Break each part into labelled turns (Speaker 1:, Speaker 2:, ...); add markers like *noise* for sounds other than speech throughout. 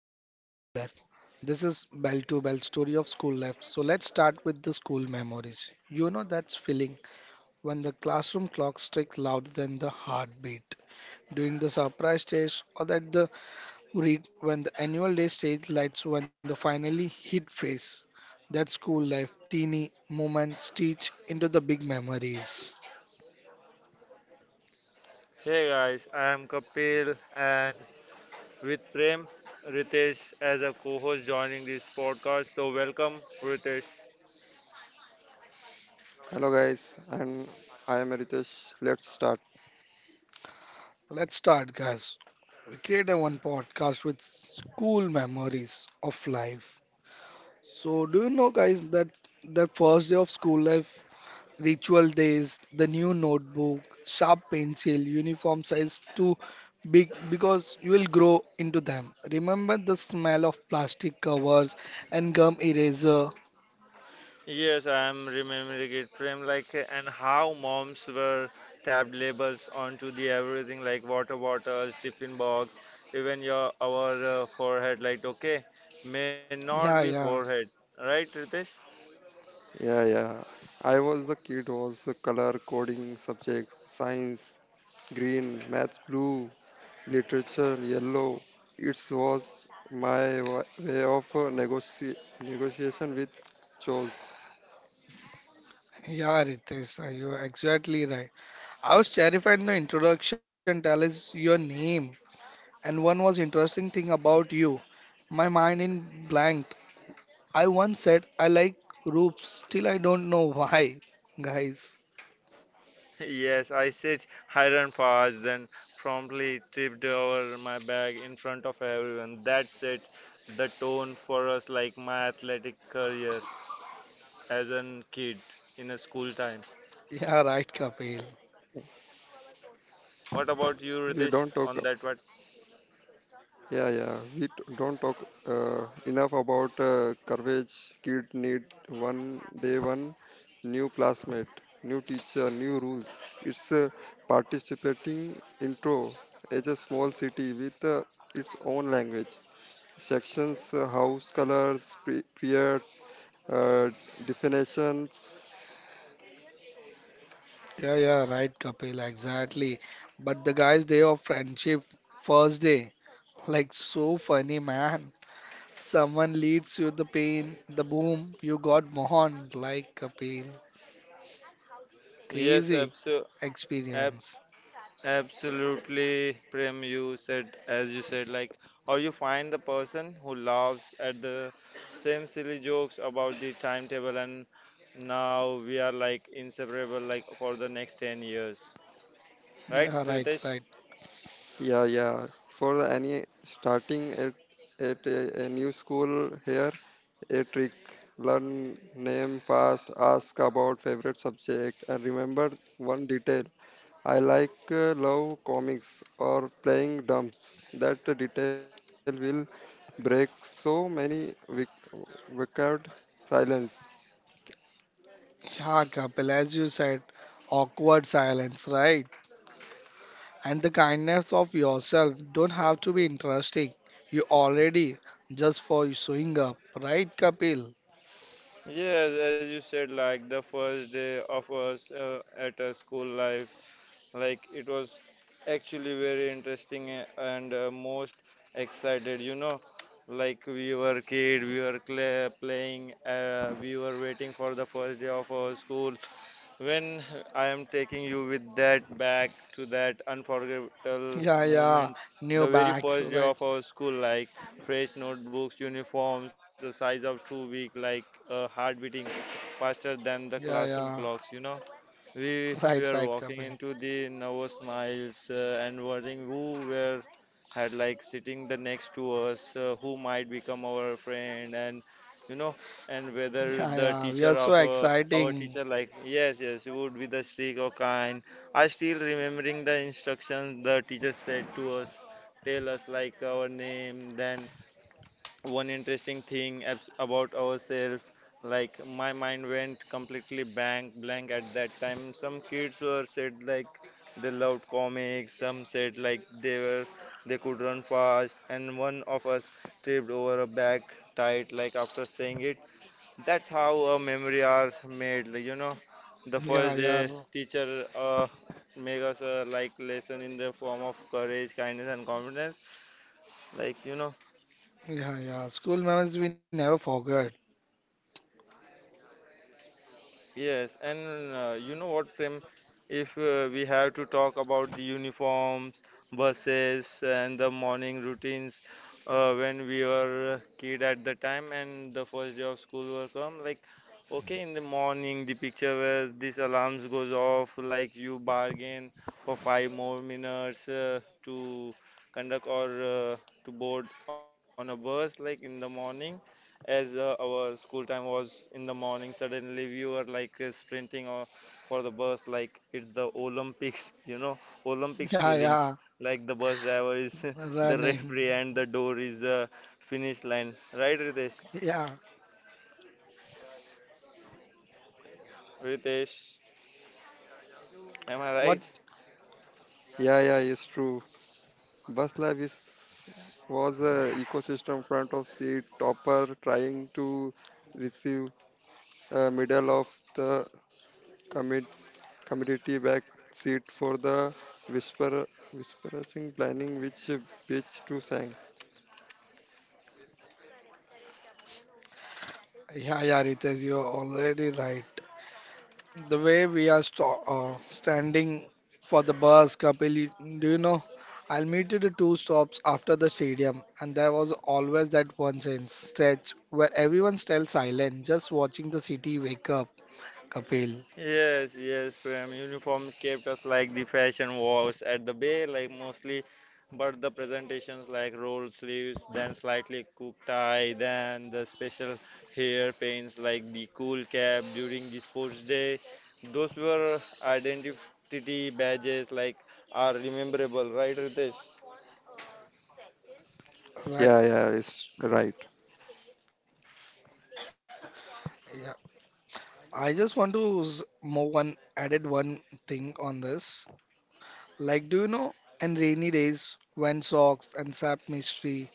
Speaker 1: school life. This is bell to bell story of school life. So let's start with the school memories. You know that's feeling when the classroom clock strikes louder than the heartbeat. During the surprise stage or that the read when the annual day stage lights when the finally hit face. That school life, teeny moments teach into the big memories.
Speaker 2: Hey guys, I am Kapil and with Prem Ritesh as a co-host joining this podcast. So welcome Ritesh.
Speaker 3: Hello guys, and I am Ritesh. Let's start.
Speaker 1: Let's start, guys. We create a one podcast with school memories of life. So, do you know, guys, that first day of school life, ritual days, the new notebook, sharp pencil, uniform size too big because you will grow into them. Remember the smell of plastic covers and gum eraser.
Speaker 2: Yes, I am remembering it, Prem, like and how moms were tabbed labels onto the everything like water bottles, tiffin box, even your our forehead. Like okay, may not
Speaker 1: Yeah,
Speaker 2: be
Speaker 1: yeah,
Speaker 2: forehead, right, Ritesh?
Speaker 3: Yeah, yeah. I was the kid who was the color coding subject, science, green, maths, blue, literature, yellow. It was way of negotiation with chores.
Speaker 1: yeah, Ritesh, you're exactly right. I was terrified in the introduction. Tell us your name. And one was interesting thing about you. My mind in blank. I once said I like roofs, still I don't know *laughs* why, guys.
Speaker 2: Yes, I said iron fast, then promptly tipped over my bag in front of everyone. That set the tone for us, like my athletic career as a kid in a school time.
Speaker 1: Yeah, right, Kapil.
Speaker 2: What about you,
Speaker 3: We don't
Speaker 2: Ritesh,
Speaker 3: talk.
Speaker 2: on that one?
Speaker 3: Yeah, yeah. We don't talk enough about coverage. Kid need one day, one new classmate, new teacher, new rules. It's a participating intro as a small city with its own language. Sections, house colors, periods, uh, definitions.
Speaker 1: Yeah, yeah, right, Kapil, exactly. But the guys, day of friendship, first day, like so funny, man. Someone leads you the pain, the boom, you got born, like Kapil.
Speaker 2: Yes,
Speaker 1: Crazy
Speaker 2: absolutely.
Speaker 1: experience.
Speaker 2: Absolutely, Prem, you said, as you said, like, or you find the person who laughs at the same silly jokes about the timetable, and now we are like inseparable, like, for the next 10 years, right,
Speaker 1: Yeah, right,
Speaker 2: Ritesh?
Speaker 1: right.
Speaker 3: Yeah, yeah. For any starting at a new school here, a trick. Learn name fast. Ask about favorite subject and remember one detail. I like love comics or playing dumps. That detail will break so many wicked silence.
Speaker 1: Yeah, Kapil, as you said, awkward silence, right? And the kindness of yourself don't have to be interesting. You already just for showing up, right, Kapil? *laughs*
Speaker 2: Yes, as you said, like, the first day of us at a school life. Like it was actually very interesting and most excited, you know. Like we were kid, we were cla playing, we were waiting for the first day of our school. When I am taking you with that back to that unforgettable
Speaker 1: Yeah, yeah,
Speaker 2: moment,
Speaker 1: new
Speaker 2: the very
Speaker 1: bags,
Speaker 2: first day
Speaker 1: right?
Speaker 2: of our school, like fresh notebooks, uniforms, the size of 2 weeks, like heart beating faster than the
Speaker 1: Yeah,
Speaker 2: classroom
Speaker 1: yeah,
Speaker 2: clocks, you know.
Speaker 1: *laughs*
Speaker 2: We
Speaker 1: right, right,
Speaker 2: were walking
Speaker 1: Kapil.
Speaker 2: into the nervous miles and worrying who were had like sitting the next to us, who might become our friend, and you know, and whether
Speaker 1: Yeah,
Speaker 2: the
Speaker 1: yeah, we are
Speaker 2: teacher
Speaker 1: so
Speaker 2: of our
Speaker 1: exciting.
Speaker 2: teacher like yes, yes, you would be the strict or kind. I still remembering the instructions the teacher said to us, tell us like our name, then one interesting thing about ourselves. Like my mind went completely blank at that time. Some kids were said like they loved comics, some said like they could run fast, and one of us tripped over a bag tight, like, after saying it. That's how a memory are made, like, you know. The
Speaker 1: Yeah,
Speaker 2: first
Speaker 1: yeah,
Speaker 2: day teacher make us a like lesson in the form of courage, kindness and confidence, like you know.
Speaker 1: yeah, yeah. School memories we never forget.
Speaker 2: Yes, and you know what, Prem? If we have to talk about the uniforms, buses, and the morning routines when we were a kid at the time and the first day of school will come, like, okay, in the morning, the picture where this alarms goes off, like you bargain for five more minutes to conduct or to board on a bus, like in the morning, as our school time was in the morning, suddenly we were like sprinting or for the bus like it's the olympics *laughs* you know,
Speaker 1: *laughs*
Speaker 2: olympics
Speaker 1: Yeah,
Speaker 2: feelings,
Speaker 1: yeah,
Speaker 2: like the bus driver is *laughs* the
Speaker 1: running.
Speaker 2: referee and the door is the finish line, right, Ritesh?
Speaker 1: *laughs* Yeah,
Speaker 2: Ritesh, am I
Speaker 1: what?
Speaker 2: right?
Speaker 3: Yeah, yeah, it's true. Bus life is was a ecosystem front of seat topper trying to receive middle of the commit, committee back seat for the whisper whispering planning which bitch to sang.
Speaker 1: Yeah, yeah, Ritesh, you're already right. The way we are standing for the bus, Kapil, do you know? I'll meet you the two stops after the stadium, and there was always that one sense stretch where everyone stays silent, just watching the city wake up, Kapil.
Speaker 2: Yes, yes, Prem. Uniforms kept us like the fashion walls at the bay, like mostly, but the presentations like rolled sleeves, then slightly cooked tie, then the special hair paints like the cool cap during the sports day. Those were identity badges like are rememberable, right, Ritesh?
Speaker 3: Yeah, yeah,
Speaker 1: Right?
Speaker 3: it's right.
Speaker 1: Yeah. I just want to move one added one thing on this. Like, do you know? In rainy days, when socks and sap mystery.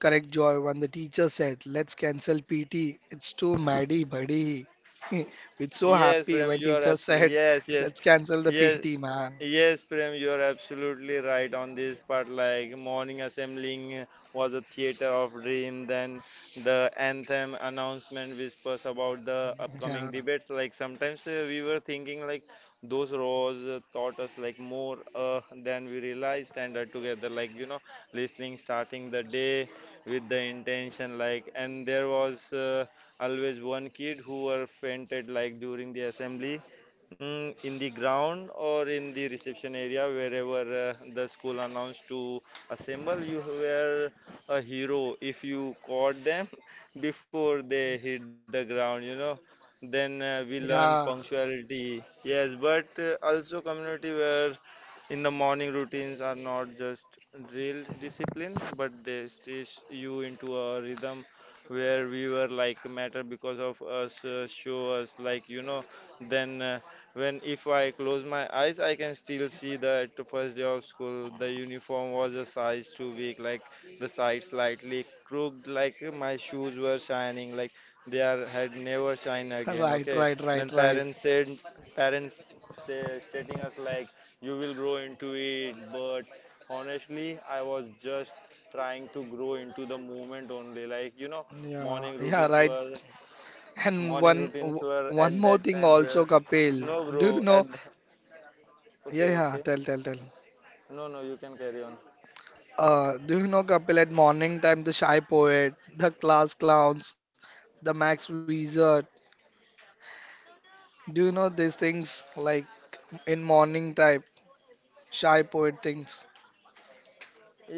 Speaker 1: Correct, Joy. When the teacher said, let's cancel PT, it's too maddy, buddy. *laughs* We're so
Speaker 2: Yes, Prem,
Speaker 1: happy
Speaker 2: you
Speaker 1: when
Speaker 2: are
Speaker 1: teacher
Speaker 2: absolutely,
Speaker 1: said,
Speaker 2: yes, yes,
Speaker 1: let's cancel the
Speaker 2: yes.
Speaker 1: PT, man.
Speaker 2: Yes, Prem, you are absolutely right on this part. Like morning assembling was a theater of dream. Then the anthem announcement whispers about the upcoming
Speaker 1: Yeah,
Speaker 2: debates. Like sometimes we were thinking like those rows taught us like more than we realized. And together, like you know, listening, starting the day with the intention. Like and there was always one kid who were fainted like during the assembly. Mm, in the ground or in the reception area, wherever the school announced to assemble, you were a hero if you caught them *laughs* before they hit the ground, you know. Then we learn
Speaker 1: yeah,
Speaker 2: punctuality, yes, but also community, where in the morning routines are not just drill discipline, but they stitch you into a rhythm where we were like matter because of us show us, like you know. Then when if I close my eyes, I can still see that the first day of school, the uniform was a size too big, like the sides slightly crooked, like my shoes were shining, like they are had never shine again.
Speaker 1: right,
Speaker 2: Okay,
Speaker 1: right, right,
Speaker 2: then
Speaker 1: right.
Speaker 2: parents said, parents say stating us like you will grow into it, but honestly, I was just trying to grow into the movement only. Like you know,
Speaker 1: Yeah,
Speaker 2: morning
Speaker 1: yeah,
Speaker 2: routines
Speaker 1: right.
Speaker 2: were
Speaker 1: And
Speaker 2: morning
Speaker 1: one
Speaker 2: routines were
Speaker 1: one
Speaker 2: at
Speaker 1: more
Speaker 2: that
Speaker 1: thing
Speaker 2: time
Speaker 1: also,
Speaker 2: where
Speaker 1: Kapil.
Speaker 2: no
Speaker 1: Do you
Speaker 2: bro
Speaker 1: know?
Speaker 2: at the, *laughs*
Speaker 1: Yeah,
Speaker 2: okay
Speaker 1: yeah,
Speaker 2: okay,
Speaker 1: tell, tell, tell.
Speaker 2: no no, you can carry on.
Speaker 1: Do you know Kapil at morning time, the shy poet, the class clowns, the Max Wizard? Do you know these things like in morning time, shy poet things?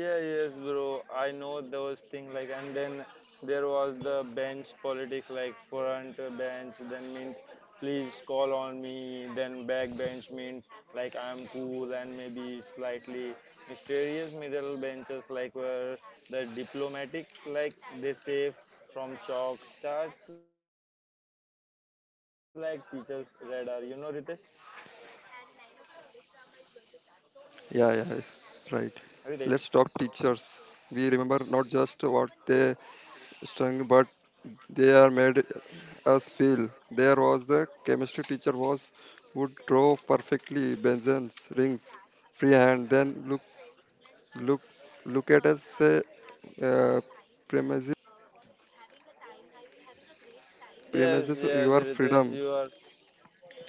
Speaker 2: Yeah yes bro, I know those things, like, and then there was the bench politics, like front bench then meant please call on me, then back bench meant like I'm cool and maybe slightly mysterious, middle benches like were the diplomatic, like they save from chalk starts like teachers radar, you know, Ritesh?
Speaker 3: Yeah, yeah, it's right. Let's talk
Speaker 2: Ritesh.
Speaker 3: teachers. We remember not just what they sung, but they are made us feel. There was the chemistry teacher was who draw perfectly Benson's rings freehand, then look look at us say uh, premises
Speaker 2: Yes,
Speaker 3: premises
Speaker 2: yes,
Speaker 3: your
Speaker 2: Ritesh,
Speaker 3: freedom.
Speaker 2: you are.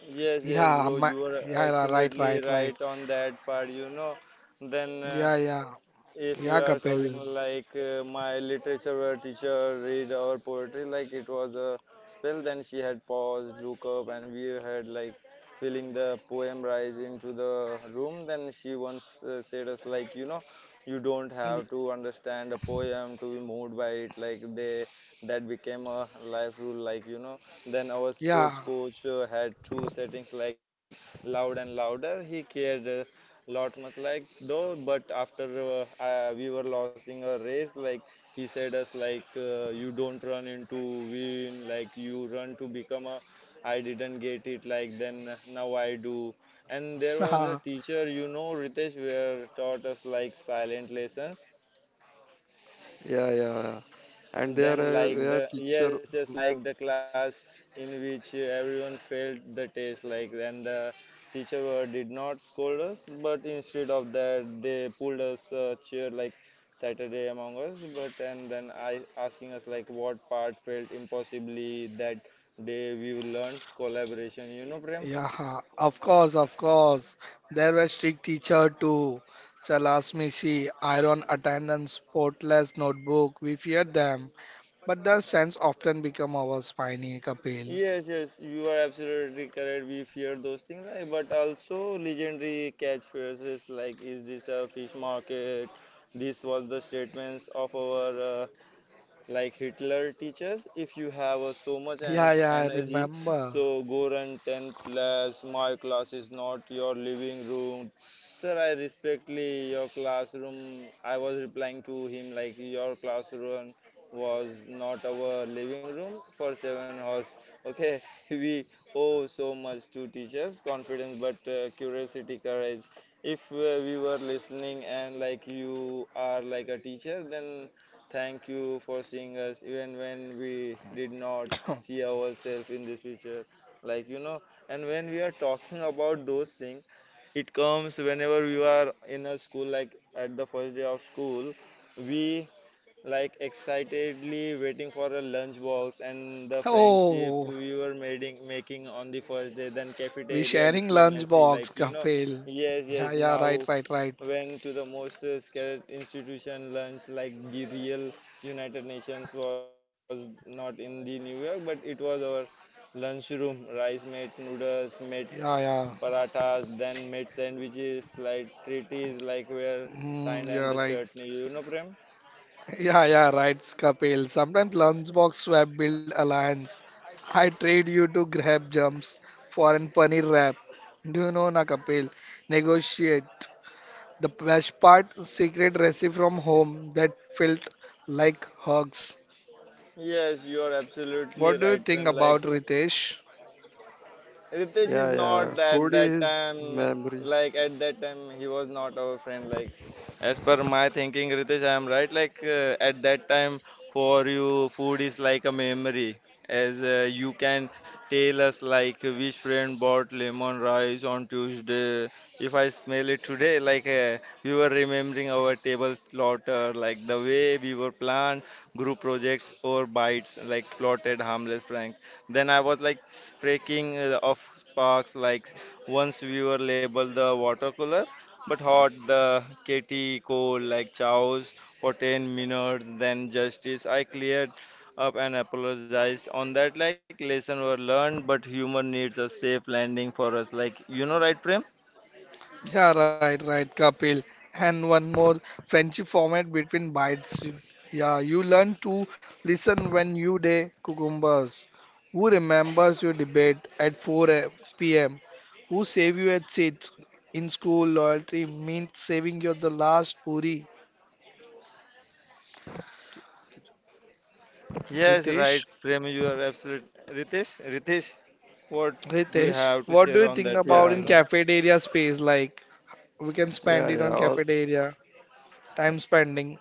Speaker 2: Yes, yes,
Speaker 1: Yeah,
Speaker 2: bro,
Speaker 1: my,
Speaker 2: you are
Speaker 1: yeah, right,
Speaker 2: absolutely
Speaker 1: right, right.
Speaker 2: right on that part, you know. Then
Speaker 1: Yeah, yeah,
Speaker 2: if we
Speaker 1: yeah,
Speaker 2: are covering
Speaker 1: Kapil.
Speaker 2: like my literature teacher read our poetry like it was a spell, then she had paused, look up, and we had like feeling the poem rise into the room. Then she once said us like, you know, you don't have
Speaker 1: Y-
Speaker 2: to understand a poem to be moved by it, like they, that became a life rule, like you know. Then our
Speaker 1: Yeah,
Speaker 2: sports coach had two settings, like loud and louder. He cared lot much, like though, but after we were losing a race, like he said us like you don't run into win, like you run to become a, I didn't get it like, then now I do. And there was a
Speaker 1: *laughs*
Speaker 2: teacher, you know, Ritesh, where taught us like silent lessons.
Speaker 3: Yeah, yeah, yeah. And there
Speaker 2: Then, like
Speaker 3: were
Speaker 2: the
Speaker 3: teacher
Speaker 2: yes, yes,
Speaker 3: who-
Speaker 2: like the class in which everyone failed the test, like, and the teacher were- did not scold us, but instead of that, they pulled us a chair like Saturday among us. But and then I asking us like what part felt impossibly. That day we learned collaboration. You know, Prem.
Speaker 1: yeah, of course, of course. There were strict teacher too. Chalasmisi, iron attendance, spotless notebook. We feared them. But the scents often become our spiny Kapil.
Speaker 2: Yes, yes, you are absolutely correct. We fear those things, like, but also legendary catchphrases like "Is this a fish market?" This was the statements of our like Hitler teaches, if you have so much en-
Speaker 1: Yeah, yeah, I
Speaker 2: energy,
Speaker 1: remember.
Speaker 2: so go run 10 laps. My class is not your living room. Sir, I respectfully your classroom. I was replying to him like your classroom was not our living room for 7 hours. Okay, *laughs* we owe so much to teachers confidence, but curiosity, courage. If we were listening and like you are like a teacher, then thank you for seeing us even when we did not
Speaker 1: *coughs*
Speaker 2: see ourselves in this picture. Like, you know, and when we are talking about those things, it comes whenever we are in a school, like at the first day of school, we like excitedly waiting for a lunchbox and the friendship
Speaker 1: Oh,
Speaker 2: we were making on the first day, then
Speaker 1: we
Speaker 2: cafeteria
Speaker 1: sharing
Speaker 2: diplomacy, like,
Speaker 1: lunchbox,
Speaker 2: you know,
Speaker 1: Kapil.
Speaker 2: yes,
Speaker 1: Yeah,
Speaker 2: yes,
Speaker 1: yeah, right,
Speaker 2: now
Speaker 1: right, right.
Speaker 2: went to the most scared institution lunch, like the real United Nations was not in the New York, but it was our lunchroom. Rice made, noodles made,
Speaker 1: Yeah, yeah.
Speaker 2: parathas then made, sandwiches, like treaties like were
Speaker 1: Mm,
Speaker 2: signed,
Speaker 1: you're
Speaker 2: and the
Speaker 1: right.
Speaker 2: chutney, you know, Prem.
Speaker 1: *laughs* Yeah, yeah, right, Kapil. Sometimes lunchbox swap build alliance. I trade you to grab jumps for an paneer wrap. Do you know na, Kapil? Negotiate. The best part, secret recipe from home that felt like hugs.
Speaker 2: Yes, you are absolutely
Speaker 1: What
Speaker 2: right,
Speaker 1: do you
Speaker 2: Prem.
Speaker 1: think
Speaker 2: Like
Speaker 1: about Ritesh?
Speaker 2: Ritesh is
Speaker 3: yeah, yeah,
Speaker 2: not at
Speaker 3: food
Speaker 2: that
Speaker 3: is
Speaker 2: time,
Speaker 3: memory.
Speaker 2: like at that time, he was not our friend. Like, as per my thinking, Ritesh, I am right. Like, at that time, for you, food is like a memory. As you can tell us, like, which friend bought lemon rice on Tuesday. If I smell it today, like, we were remembering our table slaughter, like, the way we were planned, group projects, or bites, like, plotted harmless pranks. Then I was like breaking of sparks, like once we were labeled the water cooler, but hot the KT cold like chows for 10 minutes, then justice. I cleared up and apologized on that. Like lesson were learned, but humor needs a safe landing for us. Like you know, right, Prem?
Speaker 1: Yeah, right, right, Kapil. And one more friendship format between bites. Yeah, you learn to listen when you day cucumbers. Who remembers your debate at 4 p.m.? Who save you at seats? In school, loyalty means saving you the last puri.
Speaker 2: Yes, right,
Speaker 1: Ritesh,
Speaker 2: Prem. You are absolute. Ritesh, Ritesh, what do you
Speaker 1: Ritesh,
Speaker 2: have to
Speaker 1: what do
Speaker 2: share
Speaker 1: you
Speaker 2: on
Speaker 1: think
Speaker 2: that part?
Speaker 1: about
Speaker 3: yeah
Speaker 1: in
Speaker 2: You
Speaker 3: yeah
Speaker 2: know?
Speaker 1: cafeteria space? Like, we can
Speaker 3: yeah
Speaker 1: spend it
Speaker 3: yeah
Speaker 1: on
Speaker 3: Al-
Speaker 1: cafeteria, time spending.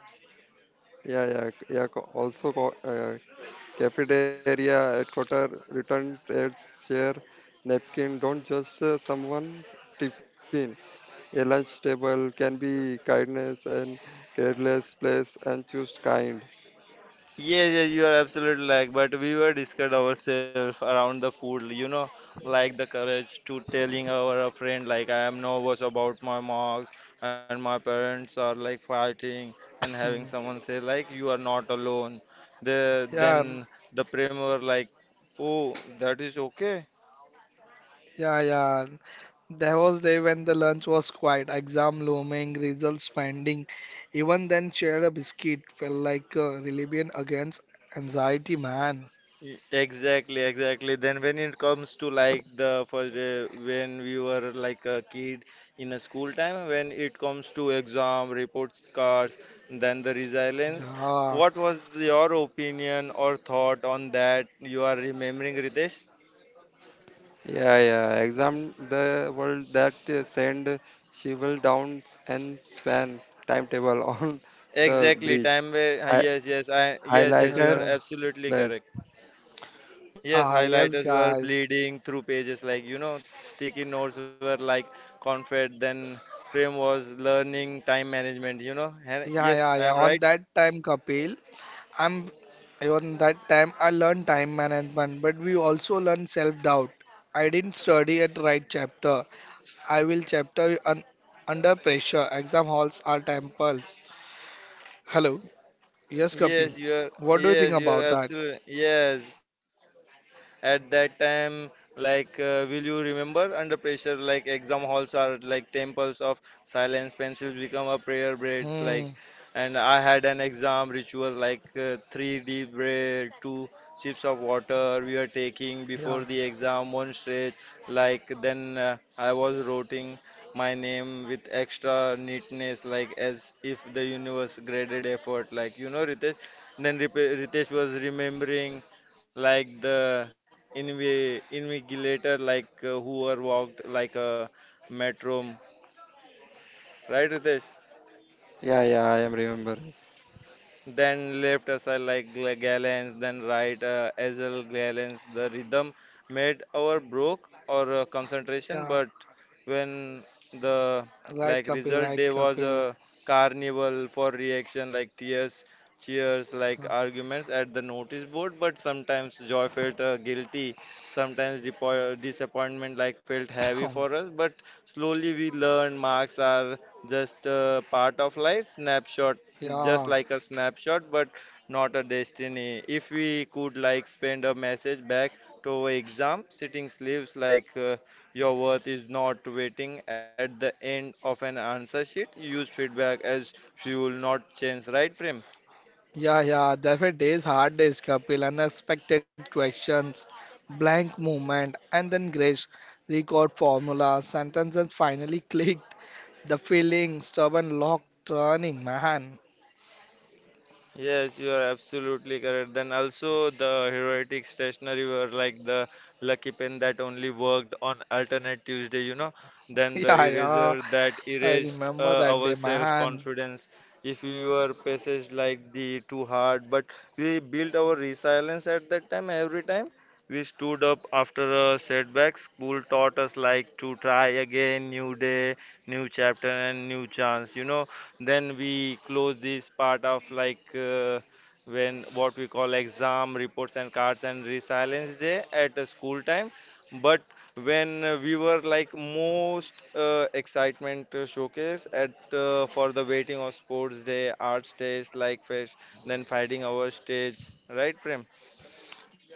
Speaker 3: yeah, yeah. Yeah, also cafeteria at quarter return trades share napkin don't just someone tiffin. A lunch table can be kindness and careless place, and choose kind.
Speaker 2: Yes, yes, you are absolutely, like, but we were discussed ourselves around the food, you know, like the courage to telling our friend like I am nervous about my marks and my parents are like fighting and
Speaker 1: Hmm.
Speaker 2: having someone say like you are not alone. The
Speaker 1: Yeah,
Speaker 2: then the prem were like, oh, that is okay.
Speaker 1: yeah, yeah. There was day when the lunch was quiet, exam looming, results pending. Even then, share a biscuit felt like a rebellion against anxiety, man.
Speaker 2: Y- exactly, exactly. Then when it comes to like the first day when we were like a kid in a school time, when it comes to exam, report cards, then the resilience,
Speaker 1: Yeah,
Speaker 2: what was your opinion or thought on that you are remembering, Ritesh?
Speaker 3: Yeah, yeah. Exam the world that send Shival down and span timetable on *laughs* the
Speaker 2: Exactly,
Speaker 3: bridge.
Speaker 2: time where, ah,
Speaker 3: Hi-
Speaker 2: yes, yes, I, yes, yes,
Speaker 1: yeah,
Speaker 2: you are
Speaker 3: Highlighter
Speaker 1: yeah.
Speaker 2: absolutely
Speaker 3: that.
Speaker 2: correct. Yes,
Speaker 1: Ah, yes,
Speaker 2: highlighters were
Speaker 1: guys.
Speaker 2: bleeding through pages like sticky notes were like confed. Then Prem was learning time management.
Speaker 1: Yeah, yeah,
Speaker 2: Yes,
Speaker 1: yeah.
Speaker 2: I am
Speaker 1: On
Speaker 2: right.
Speaker 1: that time, Kapil, I'm on that time I learned time management, but we also learned self-doubt. I didn't study at right chapter. I will chapter un under pressure. Exam halls are temples. Hello. Yes, Kapil.
Speaker 2: Yes, you are.
Speaker 1: What do you think
Speaker 2: Yes, you are
Speaker 1: about that?
Speaker 2: absolutely. Yes, at that time, like, will you remember under pressure? Like, exam halls are like temples of silence. Pencils become a prayer braids.
Speaker 1: Hmm.
Speaker 2: Like, and I had an exam ritual like three deep breath, two sips of water we are taking
Speaker 1: Yeah.
Speaker 2: before the exam, one stretch. Like, then I was rotting my name with extra neatness, like as if the universe graded effort. Like Ritesh. Then Ritesh was remembering like the invigilator, like who were walked like a metronome, right, Ritesh?
Speaker 3: Yeah, yeah. I am remember this.
Speaker 2: Then left aside like Gallens, then right Ezel Gallens. The rhythm made our broke or concentration,
Speaker 1: Yeah.
Speaker 2: but when the
Speaker 1: Right,
Speaker 2: like
Speaker 1: Kapil.
Speaker 2: result
Speaker 1: Right,
Speaker 2: day was
Speaker 1: Kapil.
Speaker 2: a carnival for reaction like tears, cheers, like arguments at the notice board. But sometimes joy felt guilty, sometimes disappointment like felt heavy
Speaker 1: Huh.
Speaker 2: for
Speaker 1: *coughs*
Speaker 2: us. But slowly we learned marks are just a part of life snapshot just
Speaker 1: Yeah.
Speaker 2: like a snapshot but not a destiny if we could like spend a message back to our exam sitting sleeves like your worth is not waiting at the end of an answer sheet use feedback as fuel not chance right prem.
Speaker 1: Yeah. Yeah. Different days, hard days, Kapil. Unexpected questions, blank movement, and then grace. Record formula, sentences finally *laughs* clicked. The feeling, stubborn lock turning, man. *laughs*
Speaker 2: Yes, you are absolutely correct. Then also the heroic stationery were like the lucky pen that only worked on alternate Tuesday, you know. Then the
Speaker 1: Yeah. Yeah.
Speaker 2: eraser that
Speaker 1: I
Speaker 2: erased
Speaker 1: remember that
Speaker 2: our
Speaker 1: day, man.
Speaker 2: self-confidence. If we were passaged like the too hard, but we built our resilience at that time. Every time we stood up after a setback, school taught us like to try again, new day, new chapter, and new chance. You know then we close this part of like when what we call exam reports and cards and resilience day at the school time but when we were like most excitement showcase at for the waiting of sports day arts days like fish then fighting our stage right prem.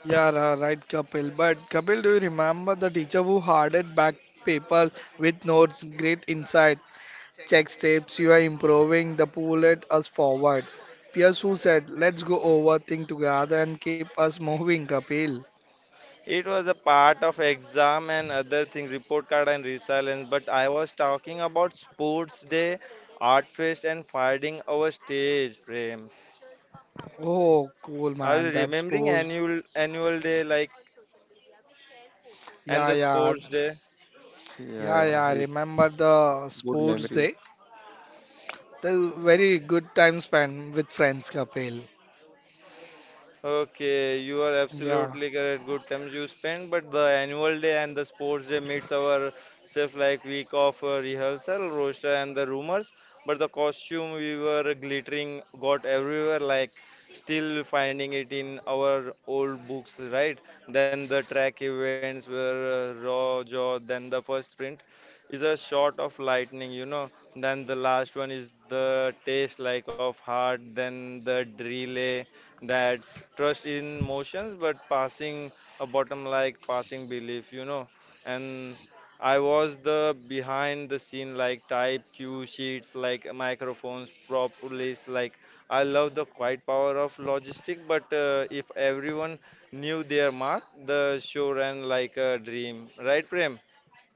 Speaker 1: Yeah, right, Kapil. But Kapil, do you remember the teacher who handed back papers with notes? Great insight. Check steps. You are improving. The pull at us forward. Pierce who said, "Let's go over things together and keep us moving." Kapil.
Speaker 2: It was a part of exam and other things report card and resilience, but I was talking about sports day, art fest and finding our stage frame.
Speaker 1: Oh, cool,
Speaker 2: Are you
Speaker 1: man. That
Speaker 2: remembering
Speaker 1: sports.
Speaker 2: annual day like and
Speaker 1: Yeah,
Speaker 2: the
Speaker 1: yeah,
Speaker 2: sports day?
Speaker 3: Yeah,
Speaker 1: yeah, yeah.
Speaker 3: yeah.
Speaker 1: I
Speaker 3: It's
Speaker 1: Remember the
Speaker 3: good
Speaker 1: sports day?
Speaker 3: memories.
Speaker 1: That's very good time spent with friends, Kapil.
Speaker 2: Okay, you are
Speaker 1: Yeah.
Speaker 2: absolutely correct. Good times you spend, but the annual day and the sports day meets our self like week of rehearsal, roster, and the rumors. But the costume we were glittering got everywhere, like still finding it in our old books, right? Then the track events were raw jaw, then the first sprint is a shot of lightning, you know. Then the last one is the taste like of heart, then the relay that's trust in motions, but passing a bottom like passing belief, you know. And I was the behind the scene like type cue sheets, like microphones, propolis. Like I love the quiet power of logistic, but if everyone knew their mark, the show ran like a dream, right, Prem?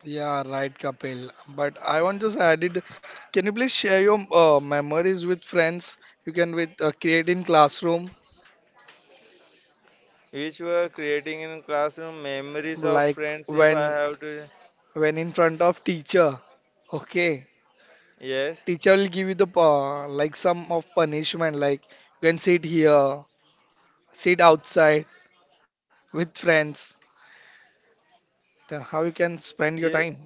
Speaker 1: Yeah, right, Kapil. But I want just added, can you please share your memories with friends? You can with create in classroom,
Speaker 2: Which were creating in classroom memories of
Speaker 1: like
Speaker 2: friends. If I
Speaker 1: when
Speaker 2: have to,
Speaker 1: when in front of teacher. Okay,
Speaker 2: yes.
Speaker 1: teacher will give you the like some of punishment, like you can sit here, sit outside with friends. Then how you can spend your time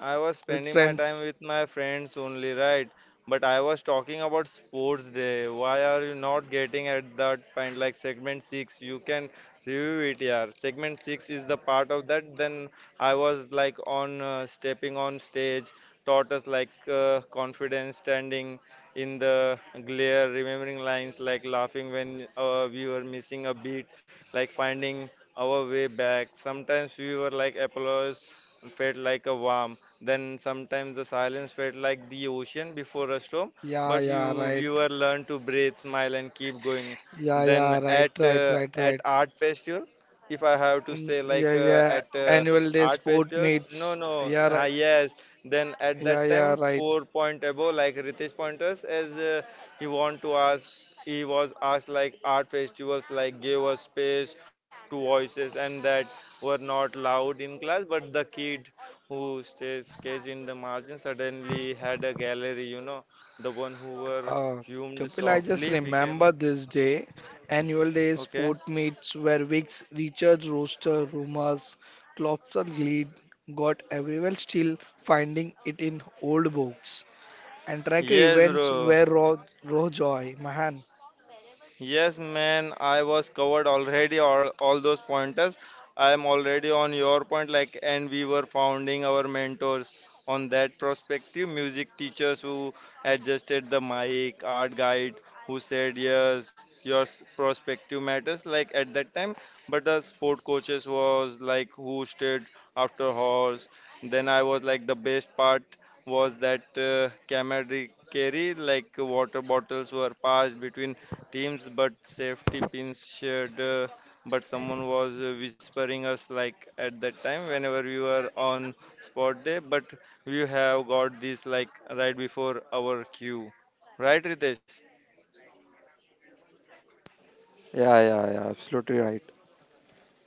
Speaker 2: I was
Speaker 1: with
Speaker 2: spending my
Speaker 1: friends?
Speaker 2: time with my friends only, right? But I was talking about sports day. Why are you not getting at that point? Like segment six, you can review it here. Segment six is the part of that. Then I was like on stepping on stage, taught us like confidence, standing in the glare, remembering lines, like laughing when we were missing a beat, like finding our way back. Sometimes we were like applause felt like a worm then sometimes the silence felt like the ocean before a storm,
Speaker 1: Yeah,
Speaker 2: but
Speaker 1: yeah,
Speaker 2: you
Speaker 1: right.
Speaker 2: viewer learn to breathe, smile, and keep going.
Speaker 1: Yeah,
Speaker 2: Then
Speaker 1: yeah, right,
Speaker 2: at
Speaker 1: right, right, right.
Speaker 2: art festival, if I have to
Speaker 1: Mm,
Speaker 2: say
Speaker 1: yeah,
Speaker 2: like
Speaker 1: yeah.
Speaker 2: at
Speaker 1: Annual day
Speaker 2: art
Speaker 1: sport
Speaker 2: festivals, no,
Speaker 1: meets.
Speaker 2: no,
Speaker 1: Yeah,
Speaker 2: ah,
Speaker 1: right.
Speaker 2: yes. Then at
Speaker 1: Yeah,
Speaker 2: that
Speaker 1: yeah,
Speaker 2: time,
Speaker 1: right.
Speaker 2: four point above, like Ritesh pointers, as he want to ask, he was asked like art festivals like gave us space to voices and that were not loud in class, but the kid who stays caged in the margin suddenly had a gallery you know the one who were
Speaker 1: Uh,
Speaker 2: hummed
Speaker 1: Kapil, I just
Speaker 2: softly became
Speaker 1: remember this day. Annual day
Speaker 2: okay
Speaker 1: sport meets where Wicks, Richards, Roaster, Rumors, Klopser lead got everyone still finding it in old books. And tracker
Speaker 2: yes
Speaker 1: events
Speaker 2: bro.
Speaker 1: where Ro Rojoy, Mahan.
Speaker 2: Yes, man, I was covered already all those pointers. I am already on your point, like, and we were founding our mentors on that perspective. Music teachers who adjusted the mic, art guide who said, yes, your perspective matters, like at that time. But the sport coaches was like who stayed after horse. Then I was like, the best part was that camaraderie, like water bottles were passed between teams, but safety pins shared. But someone was whispering us like at that time whenever we were on spot day. But we have got this like right before our queue, right, Ritesh?
Speaker 3: Yeah, yeah, yeah. Absolutely right.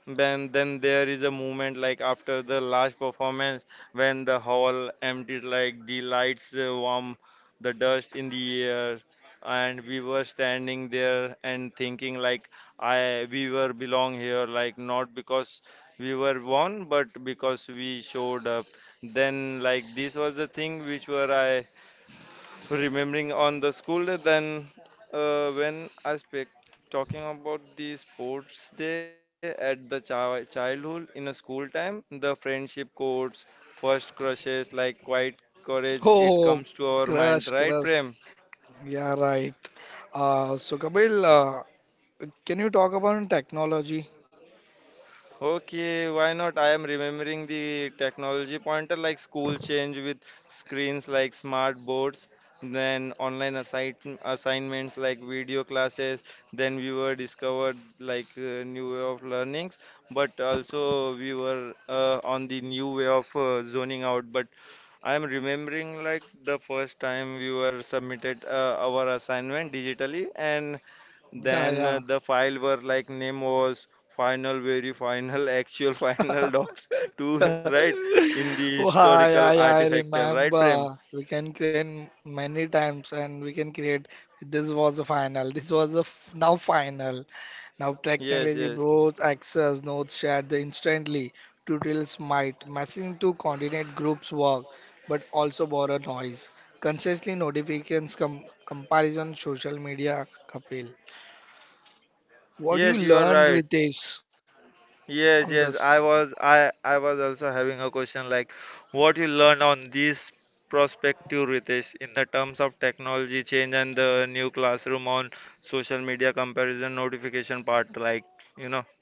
Speaker 2: Then there is a moment like after the last performance when the hall emptied, like the lights warm, the dust in the air, and we were standing there and thinking like I we were belong here, like not because we were won, but because we showed up. Then like this was the thing which were I remembering on the school day then when I speak talking about the sports day at the childhood in a school time the friendship codes first crushes like quite courage it
Speaker 1: Oh,
Speaker 2: comes to our mind
Speaker 1: crush,
Speaker 2: right
Speaker 1: crush.
Speaker 2: prem.
Speaker 1: Yeah, right. So Kapil, can you talk about technology?
Speaker 2: Okay, why not? I am remembering the technology pointer like school change with screens like smart boards, then online assignments like video classes. Then we were discovered like new way of learnings, but also we were on the new way of zoning out. But I am remembering like the first time we were submitted our assignment digitally and then
Speaker 1: Yeah,
Speaker 2: the file were like name was final, very final, *laughs* actual, final docs to
Speaker 1: yeah.
Speaker 2: right
Speaker 1: *laughs*
Speaker 2: in the
Speaker 1: Why
Speaker 2: historical
Speaker 1: I
Speaker 2: artifactal, right, Prem?
Speaker 1: remember we can create many times, and we can create this was a final, this was a now final. Now
Speaker 2: Yes,
Speaker 1: technology
Speaker 2: yes,
Speaker 1: brought access, notes shared the instantly, tutorials might messaging to coordinate groups work, but also borrow noise, constantly notifications, comparison, social media. Kapil, what do you
Speaker 2: yes, you
Speaker 1: learn
Speaker 2: are right.
Speaker 1: Ritesh on this?
Speaker 2: I was also having a question like, what you learned on this prospective, Ritesh, in the terms of technology change and the new classroom on social media comparison notification part, like, you know.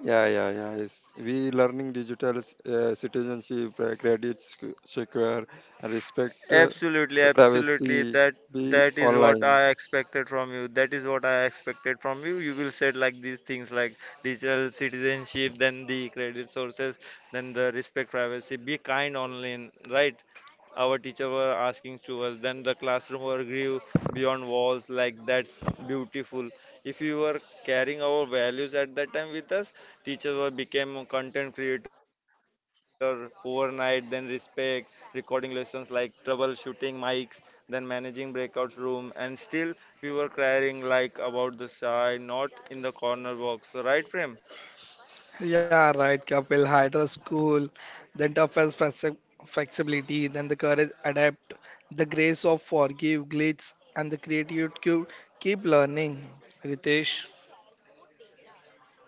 Speaker 3: Yeah, yeah, yeah. Yes. We learning digital citizenship, secure, and respect
Speaker 2: Absolutely,
Speaker 3: the
Speaker 2: absolutely.
Speaker 3: privacy.
Speaker 2: That
Speaker 3: Be
Speaker 2: that is what
Speaker 3: online.
Speaker 2: I expected from you. That is what I expected from you. You will said like these things like digital citizenship, then the credit sources, then the respect privacy. Be kind online, right? Our teacher were asking to us. Then the classroom were grew beyond walls. Like that's beautiful. If you were carrying our values at that time with us, teachers were became a content creator overnight. Then respect recording lessons like troubleshooting mics, then managing breakout room, and still we were crying like about the shy, not in the corner box. Right, Prem?
Speaker 1: Yeah, right, Kapil. Hydra school, then toughest flexibility, then the courage adapt, the grace of forgive glitz, and the creative to keep learning. Ritesh.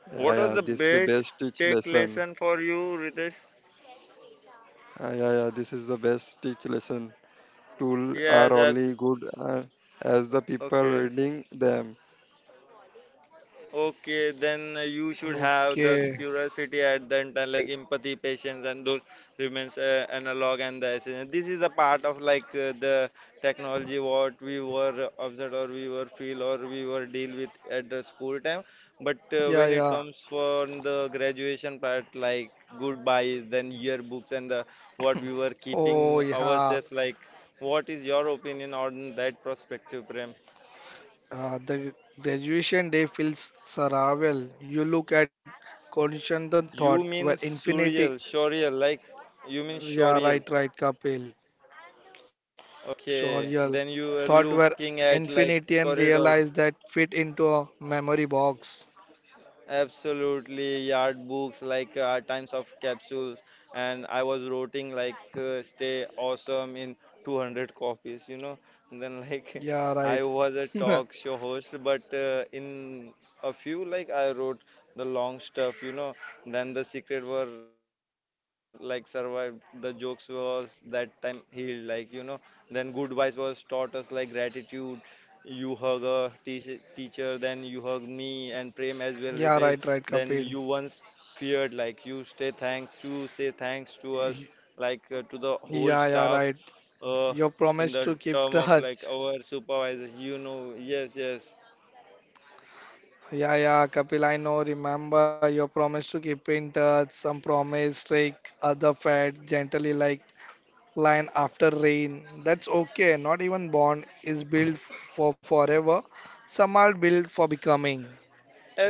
Speaker 3: Yeah,
Speaker 2: What was
Speaker 3: yeah.
Speaker 2: the
Speaker 3: This the
Speaker 2: best
Speaker 3: best teach
Speaker 2: tech
Speaker 3: lesson.
Speaker 2: lesson for you, Ritesh?
Speaker 3: Yeah, yeah, this is the best teach lesson. Tools
Speaker 2: Yes,
Speaker 3: are
Speaker 2: abs-
Speaker 3: only good as the people
Speaker 2: okay.
Speaker 3: reading them.
Speaker 2: Okay, then you should have the
Speaker 1: Okay.
Speaker 2: curiosity at the end, time, like empathy, patience, and those remains analog and the essence. This is a part of like the technology what we were observed or we were feel or we were deal with at the school time. But
Speaker 1: Yeah,
Speaker 2: when it
Speaker 1: yeah.
Speaker 2: comes from the graduation part, like goodbyes, then yearbooks and the what we were
Speaker 1: *coughs* Oh,
Speaker 2: keeping
Speaker 1: yeah.
Speaker 2: ourselves like. What is your opinion on that perspective, Prem?
Speaker 1: The graduation day feels surreal. You look at constant thought
Speaker 2: You
Speaker 1: where
Speaker 2: mean
Speaker 1: infinity.
Speaker 2: surreal, you mean
Speaker 1: Yeah,
Speaker 2: surreal.
Speaker 1: right, right, Kapil.
Speaker 2: Okay,
Speaker 1: Shoriel
Speaker 2: then you are
Speaker 1: thought were
Speaker 2: looking at like
Speaker 1: infinity and
Speaker 2: corridors.
Speaker 1: realized that fit into a memory box.
Speaker 2: Absolutely, yard books like times of capsules, and I was writing like stay awesome in 200 copies, you know. And then like *laughs*
Speaker 1: Yeah,
Speaker 2: I
Speaker 1: right.
Speaker 2: was a talk
Speaker 1: *laughs*
Speaker 2: show host, but in a few like I wrote the long stuff, you know. Then the secret were like survived. The jokes was that time healed, like you know. Then goodbyes was taught us like gratitude you hug a teacher, then you hug me and Prem as well,
Speaker 1: Yeah, right,
Speaker 2: Ritesh.
Speaker 1: right,
Speaker 2: Then
Speaker 1: Kapil.
Speaker 2: you once feared, like you stay thanks, you say thanks to
Speaker 1: Y-
Speaker 2: us, like to the
Speaker 1: Yeah,
Speaker 2: whole
Speaker 1: yeah,
Speaker 2: staff,
Speaker 1: right.
Speaker 2: uh,
Speaker 1: Your
Speaker 2: in
Speaker 1: promise
Speaker 2: the
Speaker 1: to keep
Speaker 2: term of like
Speaker 1: touch.
Speaker 2: our supervisors. You know, yes, yes.
Speaker 1: Yeah, yeah, Kapil, I know. Remember your promise to keep in touch. Some promise, take other fed gently like line after rain. That's okay. Not even bond is built for forever. Some are built for becoming.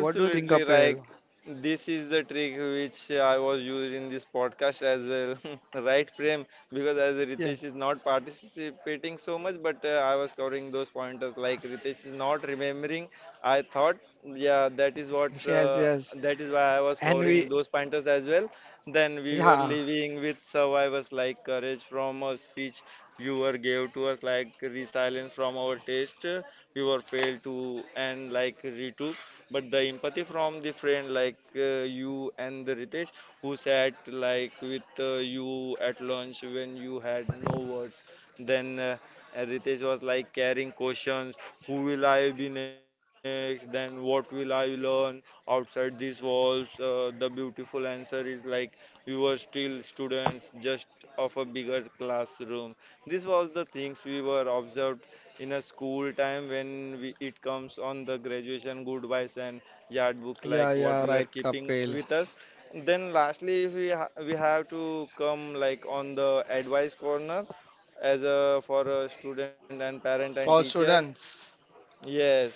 Speaker 1: What do you think,
Speaker 2: like
Speaker 1: Kapil?
Speaker 2: this is the trick which I was using in this podcast as well, *laughs* right, Prem? Because as Ritesh is not participating so much, but I was covering those pointers. Like Ritesh is not remembering, I thought, yeah, that is what
Speaker 1: Yes, yes.
Speaker 2: that is why I was
Speaker 1: And
Speaker 2: covering
Speaker 1: we,
Speaker 2: those pointers as well. Then we were
Speaker 1: yeah,
Speaker 2: living with survivors like courage from a speech you were gave to us, like resilience from our taste we were failed to, and like Ritu but the empathy from the friend like you and the Ritesh who sat like with you at lunch when you had no words then and Ritesh was like carrying questions who will I be next then what will I learn outside these walls the beautiful answer is like you were still students just of a bigger classroom this was the things we were observed in a school time when we, it comes on the graduation goodbyes and yard books like
Speaker 1: yeah,
Speaker 2: what we are
Speaker 1: yeah, right,
Speaker 2: keeping with
Speaker 1: Kapil.
Speaker 2: us then lastly if we have to come like on the advice corner as a for a student and parent and
Speaker 1: For
Speaker 2: teacher
Speaker 1: students,
Speaker 2: yes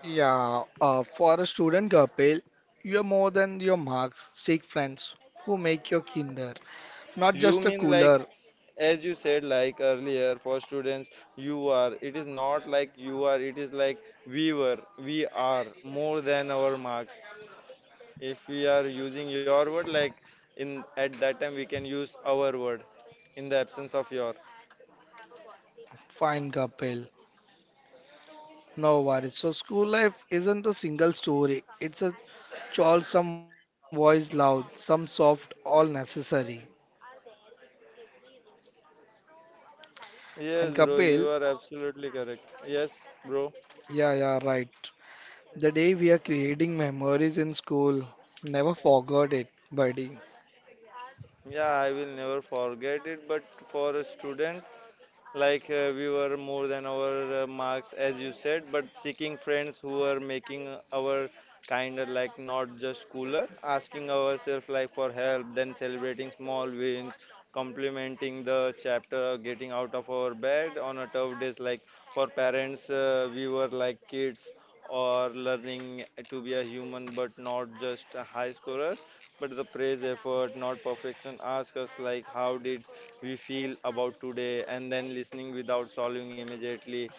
Speaker 1: yeah, for a student, Kapil, you're more than your marks. Seek friends who make your kinder, not
Speaker 2: you
Speaker 1: just a
Speaker 2: mean like
Speaker 1: cooler.
Speaker 2: as you said like earlier for students you are it is not like you are it is like we are more than our marks. If we are using your word, like in at that time we can use our word in the absence of your.
Speaker 1: Fine, Kapil. No worries. So, school life isn't a single story. It's a chore, some voice loud, some soft, all necessary.
Speaker 2: Yes,
Speaker 1: And
Speaker 2: bro, you
Speaker 1: Kapil,
Speaker 2: are absolutely correct. Yes, bro.
Speaker 1: yeah, yeah, right. The day we are creating memories in school, never forgot it, buddy.
Speaker 2: Yeah, I will never forget it, but for a student. Like we were more than our marks, as you said, but seeking friends who are making our kind of like not just cooler, asking ourselves like for help, then celebrating small wins, complimenting the chapter, getting out of our bed on a tough days. Like for parents, we were like kids or learning to be a human, but not just high scorers. But the praise effort, not perfection, ask us like how did we feel about today and then listening without solving immediately.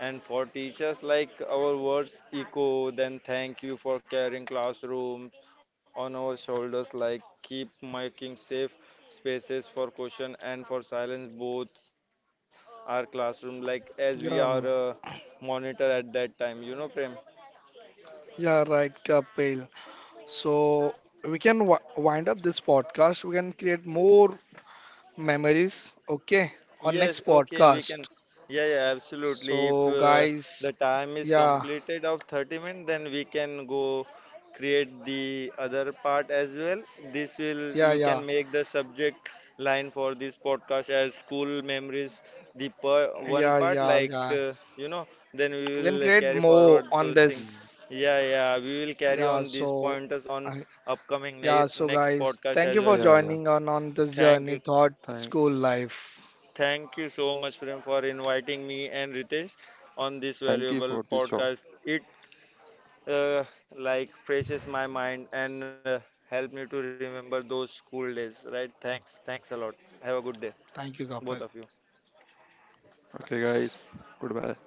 Speaker 2: And for teachers, like our words echo, then thank you for carrying classrooms on our shoulders, like keep making safe spaces for question and for silence, both our classroom, like as we are
Speaker 1: Yeah,
Speaker 2: a monitor at that time, you know, Prem.
Speaker 1: yeah, right, Kapil. So we can w wind up this podcast. We can create more memories, okay, on
Speaker 2: Yes,
Speaker 1: next
Speaker 2: okay, we
Speaker 1: podcast.
Speaker 2: can. Yeah, yeah, absolutely. If
Speaker 1: So
Speaker 2: the
Speaker 1: guys,
Speaker 2: time is
Speaker 1: yeah,
Speaker 2: completed of 30 minutes, then we can go create the other part as well. This will,
Speaker 1: yeah,
Speaker 2: you
Speaker 1: yeah,
Speaker 2: can make the subject line for this podcast as school memories, the per one
Speaker 1: yeah,
Speaker 2: part,
Speaker 1: yeah,
Speaker 2: like,
Speaker 1: yeah.
Speaker 2: you know, then we
Speaker 1: We can
Speaker 2: will
Speaker 1: create
Speaker 2: carry
Speaker 1: more
Speaker 2: forward
Speaker 1: on
Speaker 2: those things.
Speaker 3: Mm.
Speaker 1: this.
Speaker 2: Yeah, yeah, we will carry
Speaker 1: Yeah,
Speaker 2: on these pointers on
Speaker 1: I,
Speaker 2: upcoming ne
Speaker 1: yeah, so
Speaker 2: next
Speaker 1: guys,
Speaker 2: podcast
Speaker 1: thank
Speaker 2: as
Speaker 1: you for
Speaker 2: well.
Speaker 3: Yeah, yeah.
Speaker 1: joining on this
Speaker 2: Thank
Speaker 1: journey,
Speaker 2: you.
Speaker 1: thought
Speaker 3: Thank,
Speaker 1: school life.
Speaker 2: Thank you so much, Prem, for inviting me and Ritesh on this
Speaker 3: thank you
Speaker 2: valuable
Speaker 3: for this show.
Speaker 2: podcast. It uh, like freshes my mind and help me to remember those school days. Right? Thanks. Thanks a lot. Have a good day,
Speaker 1: Thank you, Kapil.
Speaker 2: both of you.
Speaker 3: Okay,
Speaker 1: Thanks.
Speaker 3: guys. Goodbye.